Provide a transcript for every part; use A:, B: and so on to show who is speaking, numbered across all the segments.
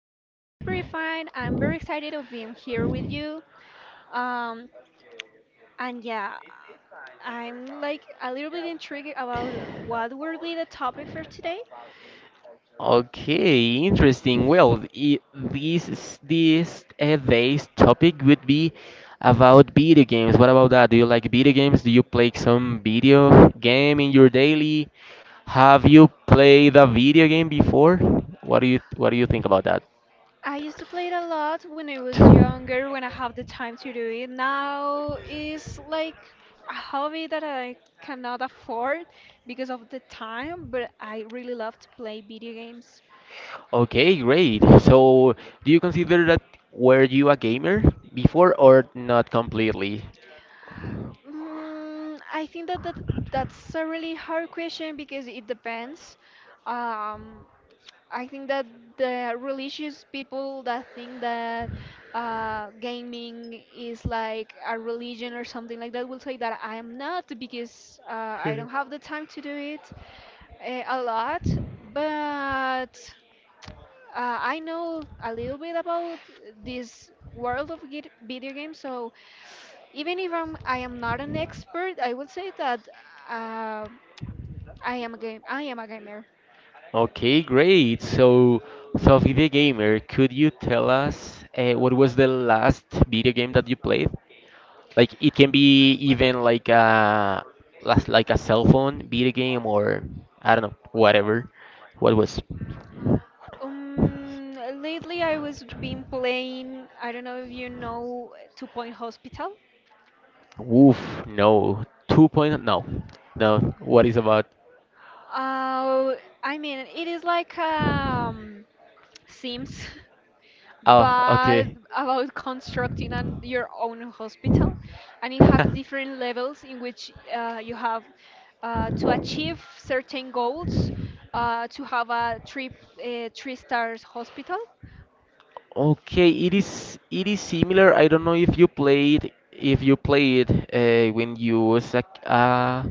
A: I'm pretty fine. I'm very excited of being here with you. Um, and yeah, I'm like a little bit intrigued about what will be the topic for today.
B: Okay, interesting. Well, I this is- this today's topic would be about video games. What about that? Do you like video games? Do you play some video game in your daily? Have you played a video game before? What do you think about
A: I used to play it a lot when I was
B: that?
A: younger, when I have the time to do it. Now it's like a hobby that I cannot afford because of the time, but I really love to play video games.
B: Okay, great. So, do you consider that were you a gamer before or not completely?
A: I think that that's a really hard question because it depends. Um, I think that the religious people that think that gaming is like a religion or something like that will say that I am not because I don't have the time to do it a lot. But I know a little bit about this world of video games, so even if I'm, I am not an expert, I will say that uh, I am a gamer.
B: Okay, great. So, Sophie the gamer, could you tell us what was the last video game that you played? Like it can be even like a like a cell phone video game or I don't know, whatever. What was?
A: Um, lately I was been playing. I don't know if you know Two Point Hospital.
B: Woof, no. Two point no. No, what is about?
A: Uh, I mean, it is like Sims.
B: Oh,
A: But
B: okay.
A: about constructing your own hospital, and it have different levels in which you have to achieve certain goals to have a three stars hospital.
B: Okay, it is similar. I don't know if you played when you was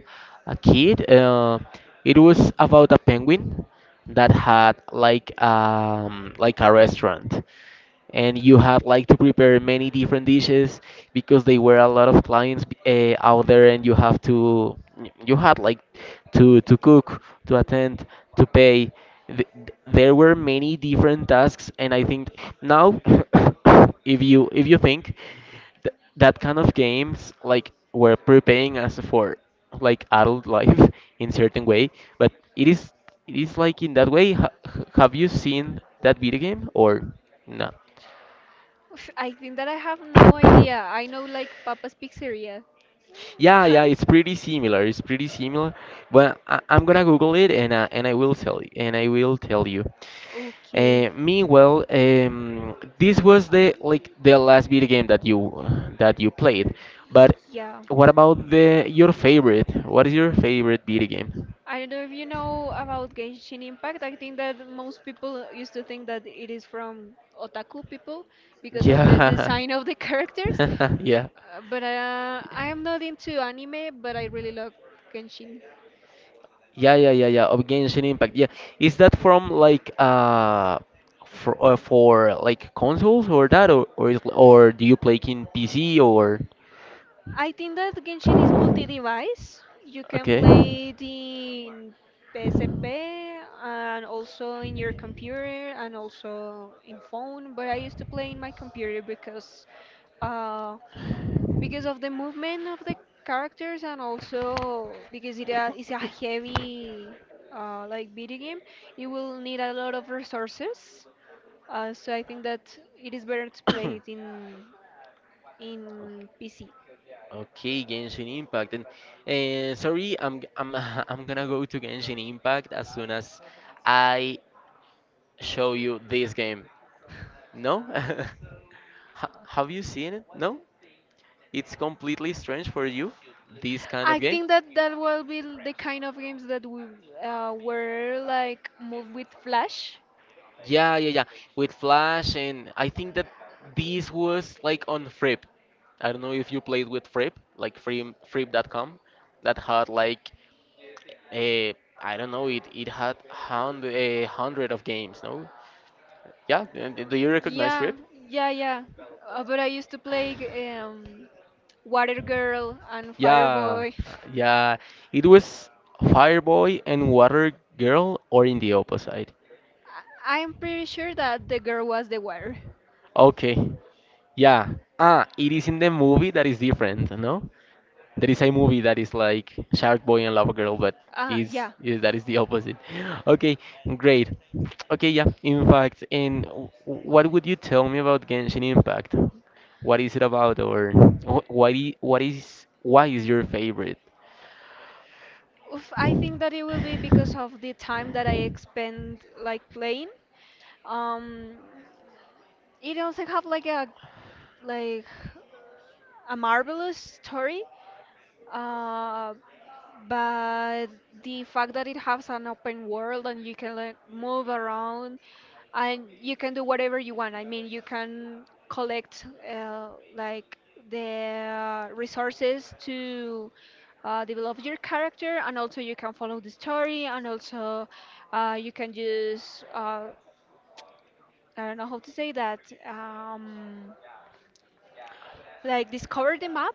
B: a kid. It was about a penguin that had like a restaurant, and you had like to prepare many different dishes because they were a lot of clients out there, and you have to you had like to cook, to attend, to pay. Th- there were many different tasks, and I think now, if you think that kind of games like were preparing us for like adult life in certain way. But it is, it is like in that way. H have you seen that video game or no?
A: Oof, I think that I have no idea. I know like Papa's Pizzeria.
B: Yeah, yeah, it's pretty similar. It's pretty similar, but I'm gonna Google it, and I will tell you, and I will tell you.
A: Okay,
B: Meanwhile, this was the like the last video game that you played. But
A: yeah.
B: what about the your favorite? What is your favorite video game?
A: I don't know if you know about Genshin Impact. I think that most people used to think that it is from otaku people because of the
B: Yeah,
A: design of the characters.
B: yeah.
A: But I am not into anime, but I really love Genshin.
B: Yeah, yeah, yeah, yeah. Of Genshin Impact. Yeah, is that from like for like consoles or that or, is, or do you play in PC or
A: I think that Genshin is multi-device. You can
B: okay.
A: play it in PSP and also in your computer and also in phone. But I used to play in my computer uh, because of the movement of the characters, and also because it is a heavy like video game. You will need a lot of resources, so I think that it is better to play it in PC.
B: Okay, Genshin Impact. And sorry, I'm I'm gonna go to Genshin Impact as soon as I show you this game. No? Ha- Have you seen it? No? It's completely strange for you, this kind
A: I
B: of game?
A: think that that will be the kind of games that we were like moved with flash.
B: Yeah, yeah, yeah. With Flash, and I think that this was like on Frip. I don't know if you played with Frip, like Frip, Frip.com, that had like a I don't know, it had hundred a hundred of games, no? Yeah, and do you recognize
A: yeah
B: Frip?
A: yeah yeah but I used to play um, water girl and
B: Yeah,
A: fireboy.
B: Yeah, it was Fireboy and Water Girl, or in the opposite.
A: I- I'm pretty sure that the girl was the wire.
B: Okay, yeah. Ah, it is in the movie that is different, no? There is a movie that is like Shark Boy and Lava Girl, but
A: Yeah.
B: is that is the opposite. Okay, great. Okay, yeah. In fact, and what would you tell me about Genshin Impact? What is it about, or What is why is your favorite?
A: Oof, I think that it will be because of the time that I spend like playing. Um, it also have like like a marvelous story. Uh, but the fact that it has an open world, and you can like move around and you can do whatever you want. I mean, you can collect like the resources to develop your character, and also you can follow the story, and also you can just I don't know how to say that. Um, like discover the map.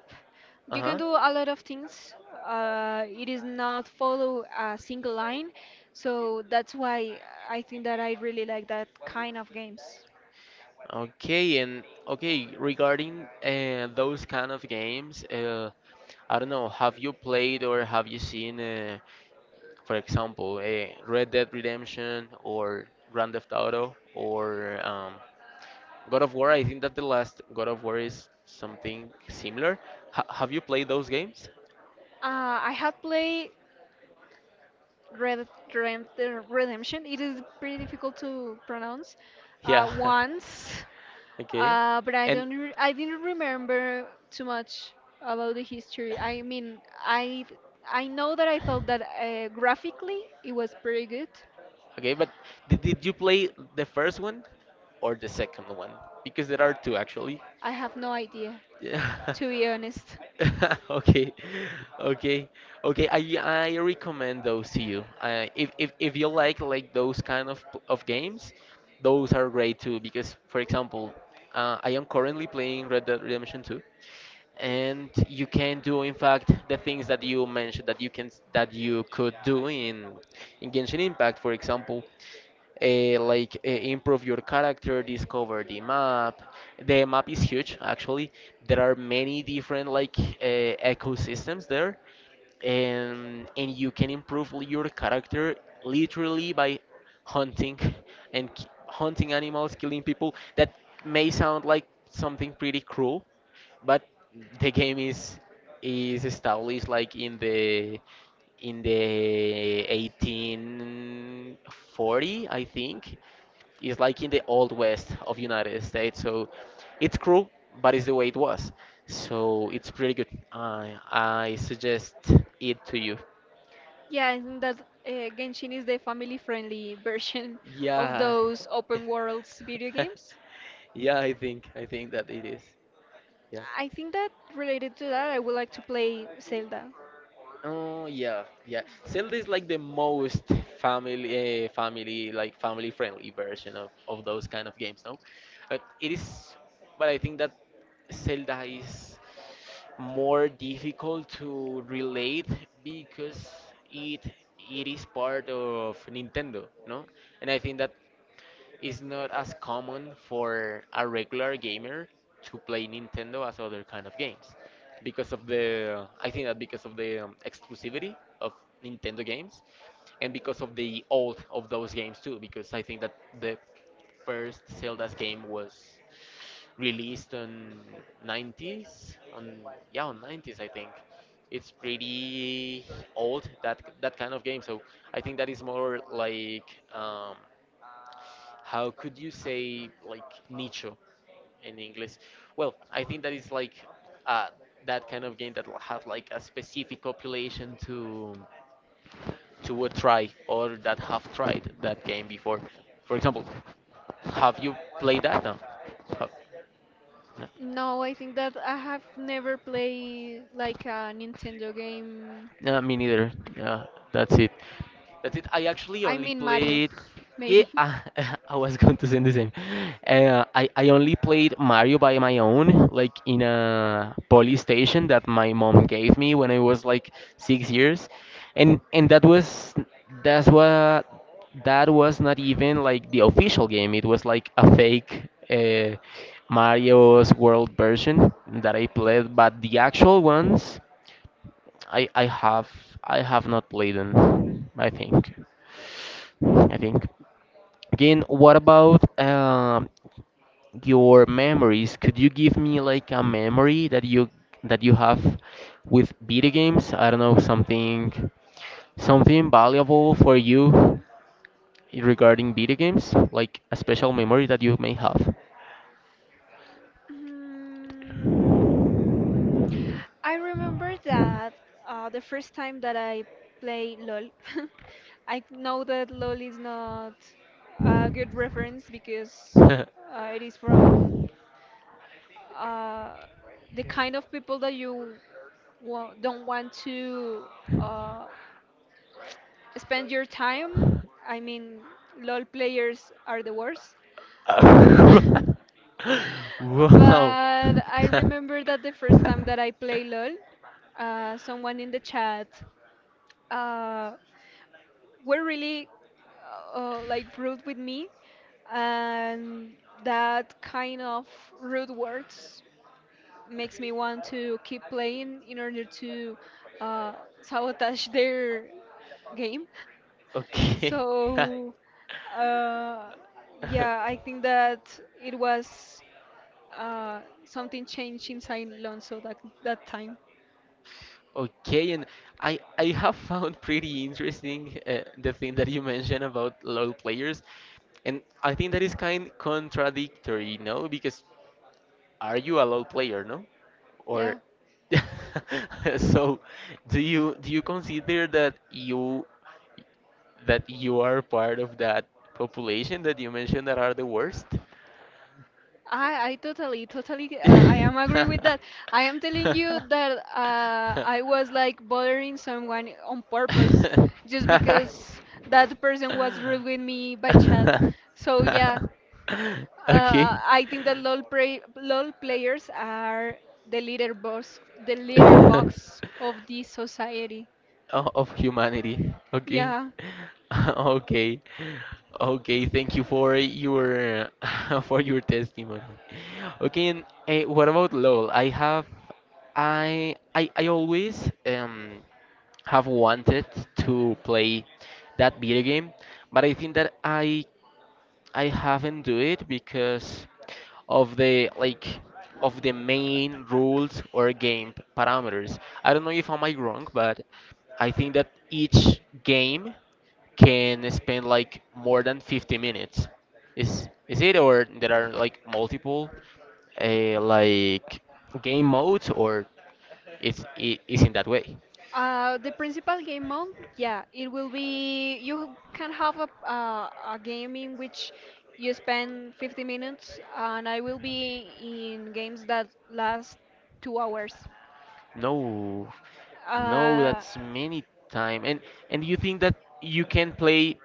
A: You can
B: Uh-huh.
A: do a lot of things. It is not follow a single line, so that's why I think that I really like that kind of games.
B: Okay, and okay, regarding those kind of games, I don't know, have you played or have you seen for example, Red Dead Redemption or Grand Theft Auto or God of War. I think that the last God of War is something similar. Ha have you played those games?
A: I had played red redemption. It is pretty difficult to pronounce
B: Yeah.
A: once.
B: Okay.
A: But I
B: And
A: don't. I didn't remember too much about the history. I mean, I I know that I thought that graphically it was pretty good.
B: okay, but did you play the first one or the second one? Because there are two actually.
A: I have no idea,
B: Yeah.
A: to be honest.
B: Okay, okay, okay. I recommend those to you. If you like those kind of games, those are great too. Because for example, I am currently playing Red Dead Redemption 2, and you can do in fact the things that you mentioned that you can that you could do in Genshin Impact, for example improve your character, discover the map. The map is huge, actually. There are many different like ecosystems there, and you can improve your character literally by hunting and hunting animals, killing people. That may sound like something pretty cruel, but the game is established like in the 1840, I think. It's like in the old west of United States. So it's cruel, but it's the way it was. So it's pretty good. I suggest it to you.
A: Yeah, I think that uh, Genshin is the family-friendly version of
B: Yeah.
A: those open worlds video games.
B: Yeah, I think that it is. Yeah.
A: I think that related to that, I would like to play Zelda.
B: Oh yeah, yeah. Zelda is like the most family, family friendly version of those kind of games, no? But it is, but I think that Zelda is more difficult to relate because it it is part of Nintendo, no? And I think that it's not as common for a regular gamer to play Nintendo as other kind of games because of the I think that because of the exclusivity of Nintendo games, and because of the old of those games too, because I think that the first Zelda's game was released on '90s on yeah on '90s, I think. It's pretty old, that that kind of game. So I think that is more like um, how could you say like nicho in English? Well, I think that is like uh, that kind of game that will have like a specific population to a try or that have tried that game before. For example, have you played that? No. Oh, no.
A: No, I think that I have never played like a Nintendo game.
B: Yeah, me neither. Yeah, that's it. That's it. I actually
A: I
B: only
A: mean Mario,
B: played. Yeah,
A: maybe.
B: I was going to say the same. I only played Mario by my own, like in a station that my mom gave me when I was like 6 years, and that was that's what, that was not even like the official game. It was like a fake Mario's World version that I played, but the actual ones. I I have I have not played them. I think I think. Again, what about your memories? Could you give me like a memory that you have with video games? I don't know, something something valuable for you regarding video games, like a special memory that you may have.
A: Mm, I remember that the first time that I play LOL, I know that LOL is not a good reference because it is from uh, the kind of people that you don't want to uh, spend your time. I mean, LOL players are the worst.
B: wow.
A: But I remember that the first time that I play LOL, someone in the chat uh, were really like rude with me, and that kind of rude words makes me want to keep playing in order to uh, sabotage their game.
B: okay.
A: So uh, yeah, I think that it was something changed inside Lonzo that that time.
B: Okay, and I have found pretty interesting the thing that you mentioned about LoL players, and I think that is kind contradictory, no? Because are you a LoL player, no? Or
A: Yeah,
B: so do you consider that you are part of that population that you mentioned that are the worst?
A: I totally totally I am agree with that. I am telling you that I was like bothering someone on purpose, just because that person was rude with me by chat. So yeah,
B: Okay.
A: I think that LOL players are the leader box of this society.
B: O- Of humanity. Okay.
A: Yeah.
B: Okay. Okay, thank you for your for your testimony. Okay, and what about LOL? I have I always have wanted to play that video game, but I think that I haven't do it because of the like of the main rules or game parameters. I don't know if am I wrong, but I think that each game can spend like more than 50 minutes. Is it or there are like multiple uh, like game modes or it's it is in that way?
A: The principal game mode, yeah, it will be. You can have a game in which you spend 50 minutes, and I will be in games that last 2 hours.
B: No, no,
A: Uh,
B: that's many time. And you think that you can play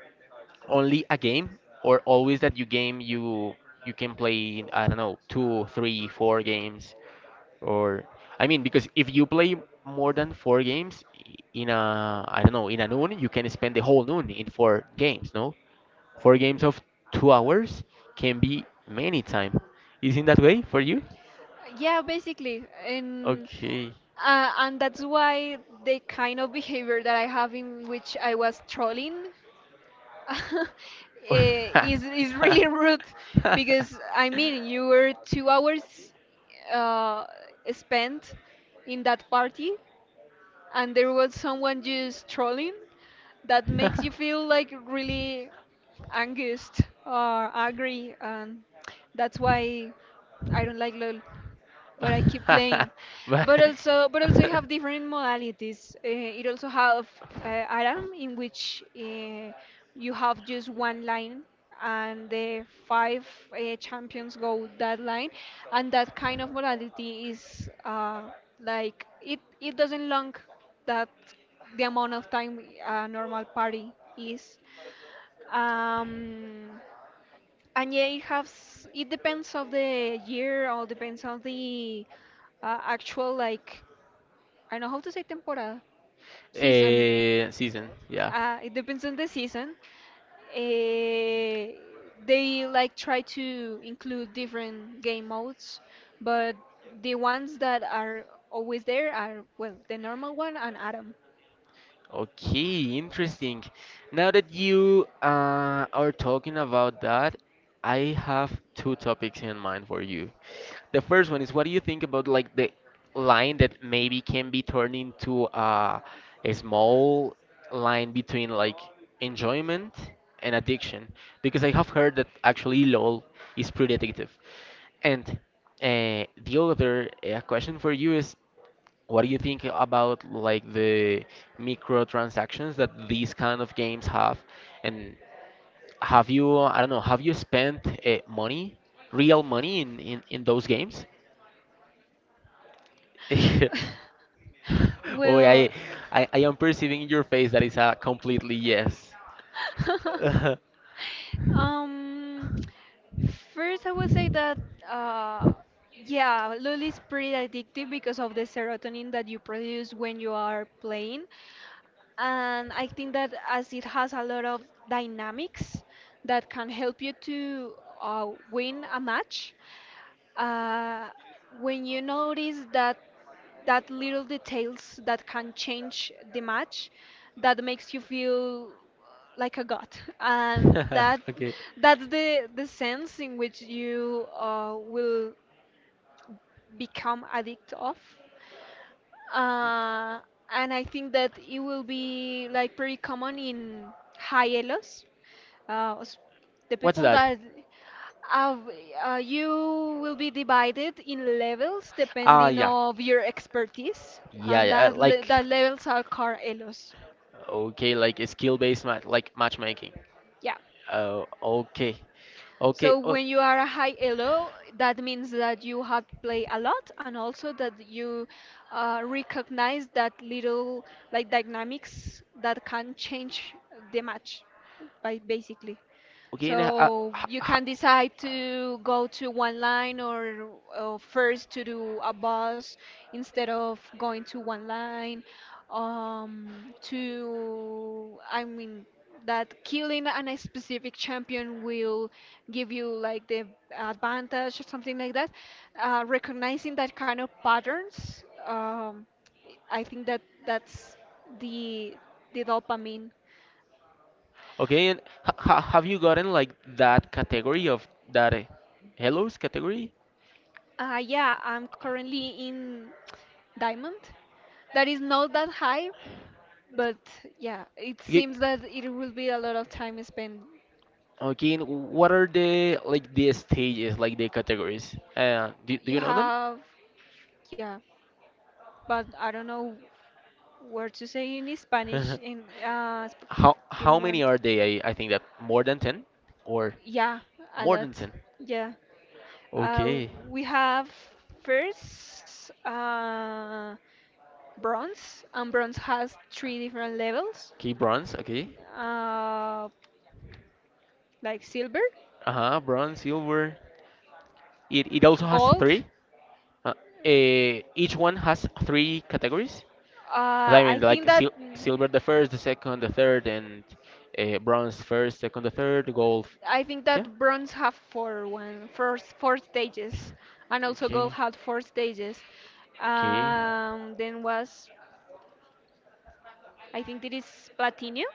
B: only a game, or always that you game you you can play I don't know two three four games or I mean because if you play more than four games in a I don't know in a noon you can spend the whole noon in four games, no? Four games of 2 hours can be many time. Isn't that way for you?
A: yeah, basically, and
B: Okay.
A: uh, and that's why the kind of behavior that I have in which I was trolling, is really rude, because I mean you were 2 hours uh, spent in that party, and there was someone just trolling. That makes you feel like really angst or angry, and that's why I don't like LOL, but I keep playing.
B: but
A: But also you have different modalities. It also have Aram, in which you have just one line, and the five champions go that line, and that kind of modality is like it. It doesn't long that the amount of time a normal party is. Um, and yeah, it has. It depends of the year, or depends on the actual like, I don't know how to say temporada, season.
B: Season, yeah.
A: It depends on the season. Eh, they like try to include different game modes, but the ones that are always there are well the normal one and Adam.
B: Okay, interesting. Now that you are talking about that, I have two topics in mind for you. The first one is what do you think about like the line that maybe can be turned into a small line between like enjoyment and addiction? Because I have heard that actually LOL is pretty addictive. And the other question for you is what do you think about like the microtransactions that these kind of games have? And have you, I don't know, have you spent money, real money in those games? Oh,
A: Well.
B: I am perceiving in your face that it's a completely yes.
A: Um, First I would say that uh, yeah, Lul is pretty addictive because of the serotonin that you produce when you are playing. And I think that as it has a lot of dynamics that can help you to win a match, uh, when you notice that that little details that can change the match, that makes you feel like a god, and that
B: Okay.
A: that's the sense in which you will become addict of. uh, and I think that it will be like pretty common in high elos. S- the
B: What's
A: people
B: that?
A: that uh, you will be divided in levels
B: Ah,
A: depending
B: yeah.
A: of your expertise,
B: Yeah,
A: and
B: yeah,
A: that
B: like,
A: levels are car elos.
B: okay, like a skill-based ma like matchmaking.
A: Yeah.
B: Oh, okay. Okay.
A: So
B: Oh,
A: when you are a high elo, that means that you have played a lot and also that you recognize that little like dynamics that can change the match by basically.
B: okay, and
A: So
B: h-
A: you
B: h-
A: can decide to go to one or first to do a bus instead of going to one line. I mean, that killing a specific champion will give you like the advantage or something like that. Recognizing that kind of patterns, I think that that's the dopamine.
B: okay, and have you gotten like that category of that hellos category?
A: Yeah, I'm currently in diamond. That is not that high, but yeah, it
B: Okay,
A: seems that it will be a lot of time spent.
B: okay, and what are the like the stages, like the categories? Do, do
A: You
B: you know them?
A: have, yeah, but I don't know where to say in Spanish. In sp- give me
B: How
A: one.
B: many
A: T-
B: are they? I think that more than 10 or
A: Yeah, a
B: more than
A: lot.
B: 10.
A: Yeah. Uh,
B: Okay.
A: we have first bronze, and bronze has three different levels.
B: Okay, bronze, okay.
A: uh, like silver,
B: Uh-huh, bronze, silver. It also has
A: gold.
B: three. Uh, each one has three categories.
A: Uh,
B: I mean,
A: I think
B: like
A: that
B: silver the first, the second, the third, and bronze first, second, the third, gold.
A: I think
B: Yeah.
A: that bronze have four one first four stages, and also gold
B: Okay.
A: had four stages.
B: Okay.
A: Then was, I think it is platinum,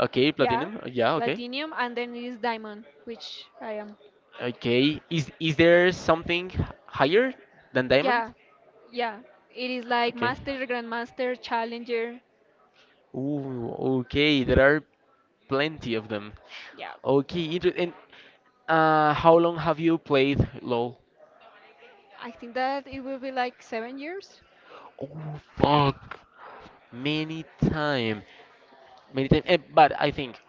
B: Okay,
A: yeah,
B: platinum. Yeah, okay.
A: platinum, and then it is diamond, which I am.
B: Okay. Is there something higher than diamond?
A: Yeah, yeah, it is like
B: Okay.
A: master, grandmaster, challenger.
B: Ooh, okay. There are plenty of them.
A: Yeah,
B: Okay, inter- and how long have you played LoL?
A: I think that it will be like 7 years.
B: Oh, fuck! Many time, many time. Eh, but I think,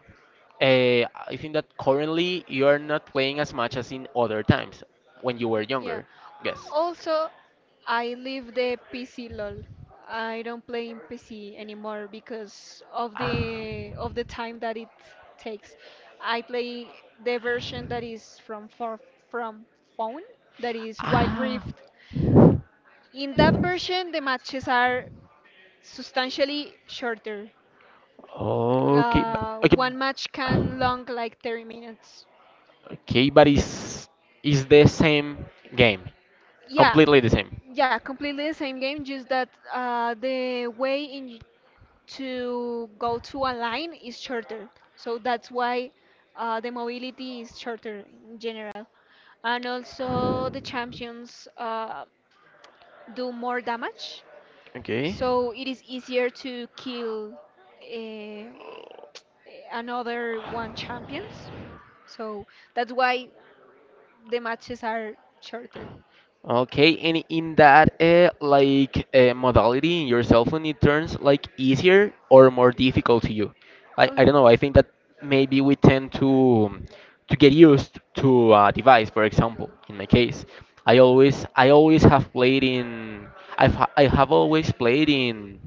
B: uh, I think that currently you are not playing as much as in other times when you were
A: Yeah.
B: younger. Yes.
A: Also, I leave the PC lol. I don't play in PC anymore because
B: Ah.
A: of the time that it takes. I play the version that is from phone, that is Wild
B: Ah.
A: Rift. In that version, the matches are substantially shorter.
B: Okay. But, okay.
A: One match can long like 30 minutes.
B: Okay, but it's is the same game,
A: Yeah,
B: completely the same.
A: yeah, completely the same game, just that the way in to go to a online is shorter. So that's why the mobility is shorter in general. And also, the champions do more damage.
B: Okay.
A: So it is easier to kill uh, another one champions. So that's why the matches are shorter.
B: Okay, and in that like modality in your cell phone, it turns like easier or more difficult to you. I don't know. I think that maybe we tend to get used to a device. For example, in my case, I always I always have played in I have always played in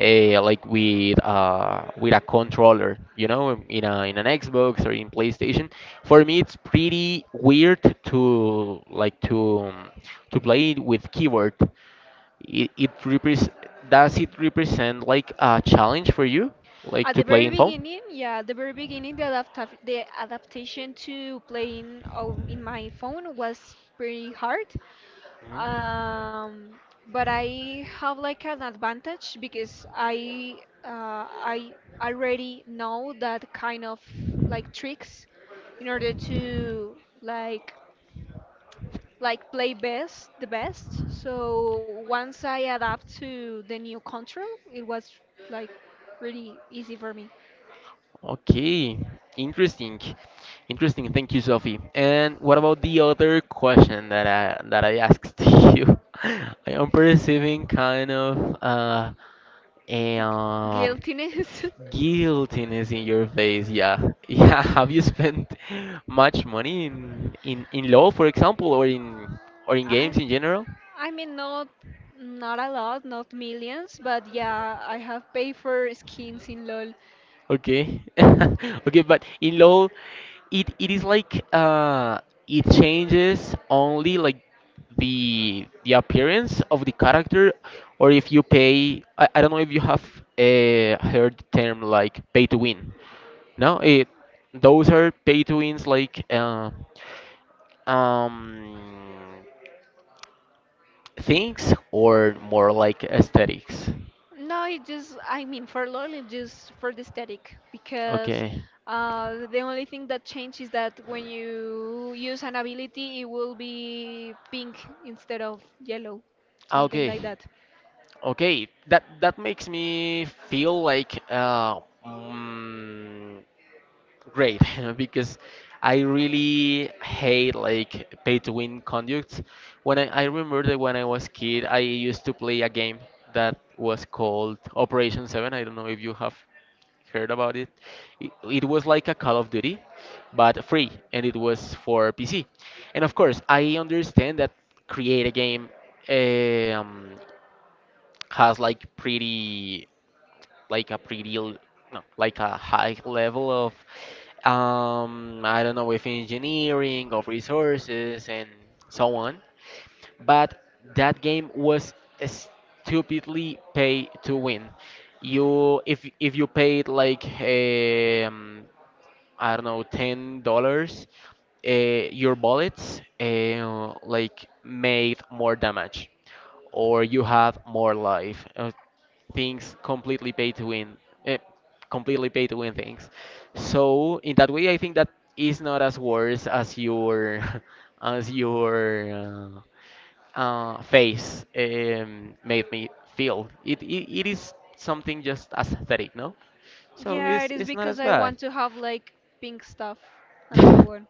B: like with a controller, you know, in a in an Xbox or in PlayStation. For me, it's pretty weird to like to play it with keyboard. It repres Does it represent like a challenge for you, like
A: At the
B: to play
A: very
B: in phone?
A: beginning, yeah, at the very beginning, the adaptation to playing in my phone was pretty hard.
B: Mhm.
A: Um, but I have like an advantage because I already know that kind of like tricks in order to like like play best the best. So once I adapt to the new control, it was like really easy for me.
B: Okay, interesting, interesting. Thank you, Sophie. And what about the other question that I asked you? I am perceiving kind of And
A: Guiltiness.
B: guiltiness in your face, yeah. Yeah, have you spent much money in law, for example, or in
A: I
B: games in general?
A: I mean not, not a lot, not millions, but yeah, I have paid for skins in LoL.
B: Okay. Okay, but in law it is like it changes only like the appearance of the character or if you pay I don't know if you have heard the term like pay to win. No, it those are pay to wins like um things or more like aesthetics.
A: No, it just I mean for LoL it just for the aesthetic because
B: Okay.
A: the only thing that changed is that when you use an ability it will be pink instead of yellow,
B: Ah,
A: something
B: okay.
A: like that.
B: Okay. That that makes me feel like mm, great because I really hate like pay to win conducts. When I remember that when I was kid I used to play a game that was called Operation Seven. I don't know if you have heard about it. It was like a Call of Duty, but free, and it was for PC. And of course, I understand that create a game um, has like pretty, like a pretty, l- no, like a high level of, I don't know, if engineering, of resources, and so on. But that game was stupidly pay to win. You If you paid like I don't know, $10, uh, your bullets like made more damage, or you have more life. Things completely pay to win, uh, completely pay to win things. So in that way, I think that is not as worse as your as your face made me feel. It is something just aesthetic, no? So
A: Yeah, it is
B: it's not
A: because
B: as
A: I
B: bad.
A: want to have like pink stuff and so on.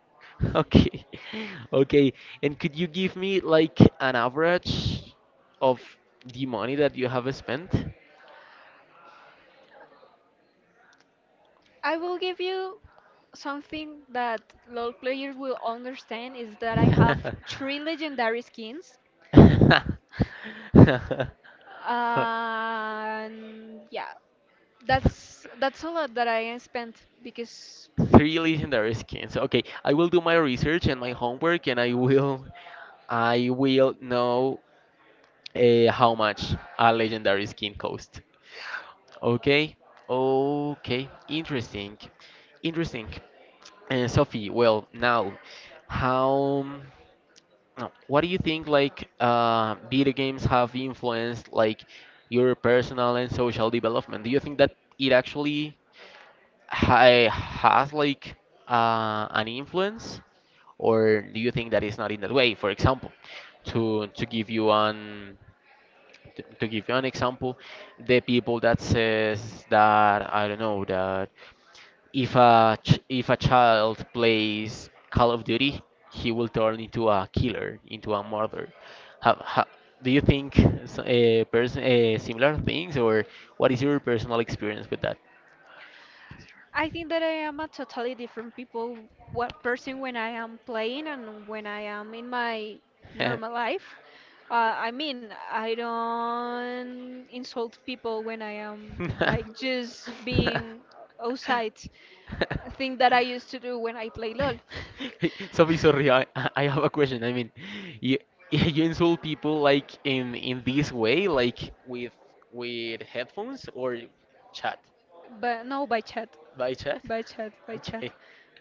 B: Okay. Okay. And could you give me like an average of the money that you have spent?
A: I will give you something that LoL players will understand is that I have three legendary skins. And yeah, that's all that I spent. Because
B: Three legendary skins. Okay, I will do my research and my homework and I will know how much a legendary skin costs. Okay. Okay. Interesting. Interesting. And Sophie, well, now, how, no, what do you think like video games have influenced like your personal and social development? Do you think that it actually has like an influence, or do you think that it's not in that way? For example, to to give you an to give you an example, the people that says that I don't know that. If a child plays Call of Duty, he will turn into a killer, into a murderer. How, how, do you think person similar things, or what is your personal experience with that?
A: I think that I am a totally different people what person when I am playing and when I am in my normal life. I mean, I don't insult people when I am like just being outside. A thing that I used to do when I play LOL.
B: Sophie, sorry, I have a question. I mean, you you insult people like in this way, like with headphones or chat?
A: But no, by chat,
B: By chat?
A: by chat, by chat.
B: Okay.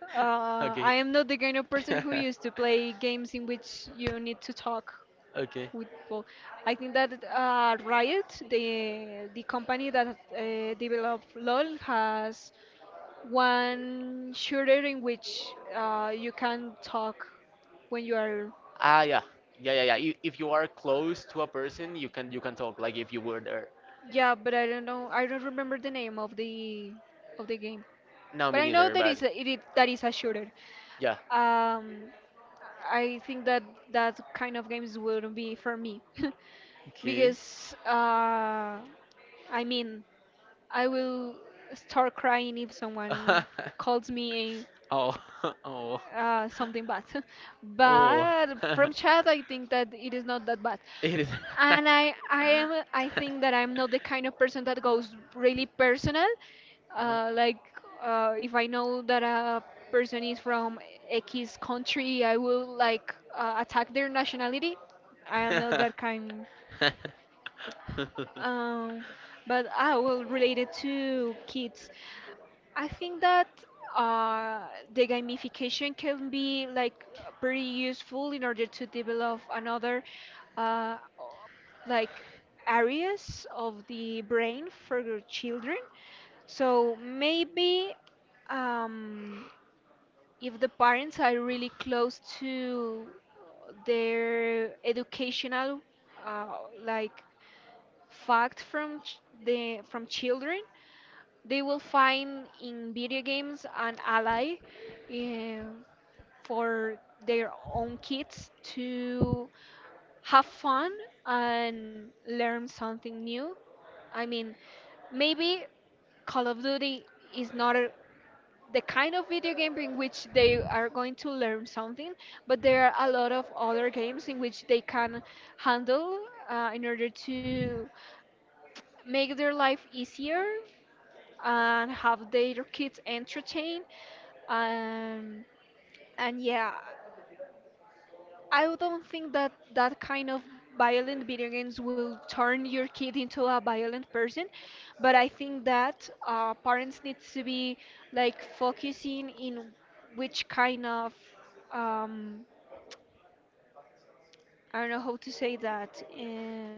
B: Okay.
A: I am not the kind of person who used to play games in which you need to talk
B: Okay.
A: football. I think that Riot, the company that developed LoL, has one shooter in which you can talk when you are.
B: Ah, yeah. Yeah, yeah, yeah. If you are close to a person, you can talk like if you were there.
A: Yeah, but I don't know. I don't remember the name of the game,
B: No,
A: but
B: me
A: I know
B: neither,
A: that
B: but
A: is a, that is a shooter.
B: yeah.
A: Um, I think that that kind of games wouldn't be for me
B: Okay.
A: because I mean. I will start crying if someone calls me
B: Oh, oh,
A: something bad.
B: oh.
A: But from child, I think that it is not that bad.
B: It is.
A: And I am, I think that I'm not the kind of person that goes really personal. Uh, like if I know that a person is from X country, I will like attack their nationality. I am not that kind. Um, but I will relate it to kids. I think that uh, the gamification can be like pretty useful in order to develop another uh, like areas of the brain for your children. So maybe, um, if the parents are really close to their educational uh, like fact the from children, they will find in video games an ally, eh, for their own kids to have fun and learn something new. I mean, maybe Call of Duty is not a, the kind of video game in which they are going to learn something, but there are a lot of other games in which they can handle in order to make their life easier and have their kids entertained. Um, and yeah, I don't think that that kind of violent video games will turn your kid into a violent person, but I think that parents need to be like focusing in which kind of um, I don't know how to say that.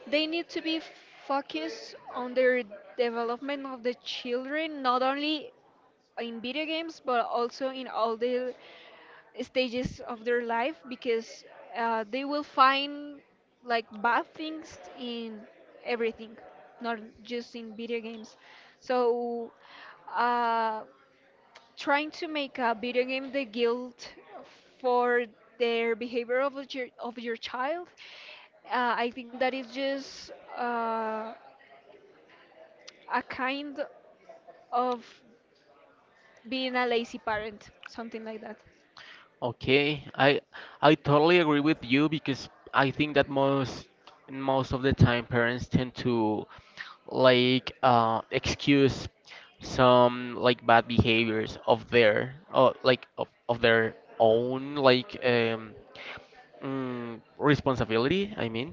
A: They need to be focused on their development of the children, not only in video games but also in all the stages of their life, because they will find like bad things in everything, not just in video games. So, uh, trying to make a video game the guilt for their behavior of your child, I think that is just uh, a kind of being a lazy parent, something like that.
B: Okay, I totally agree with you because I think that most most of the time parents tend to like excuse some like bad behaviors of their like of their own like responsibility, I mean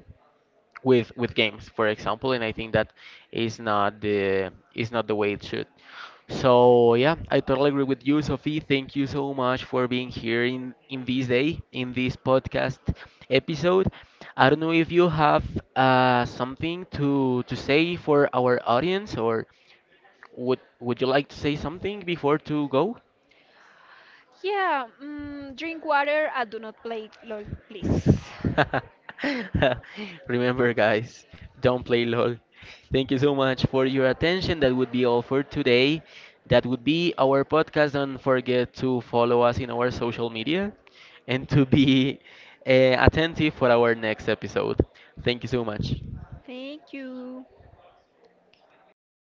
B: with games, for example, and I think that is not the way it should. So yeah, I totally agree with you, Sophie. Thank you so much for being here in this day, in this podcast episode. I don't know if you have something to say for our audience, or would you like to say something before to go?
A: Yeah, mm, drink water and do not play LOL, please.
B: Remember, guys, don't play LOL. Thank you so much for your attention. That would be all for today. That would be our podcast. Don't forget to follow us in our social media and to be attentive for our next episode. Thank you so much.
A: Thank you.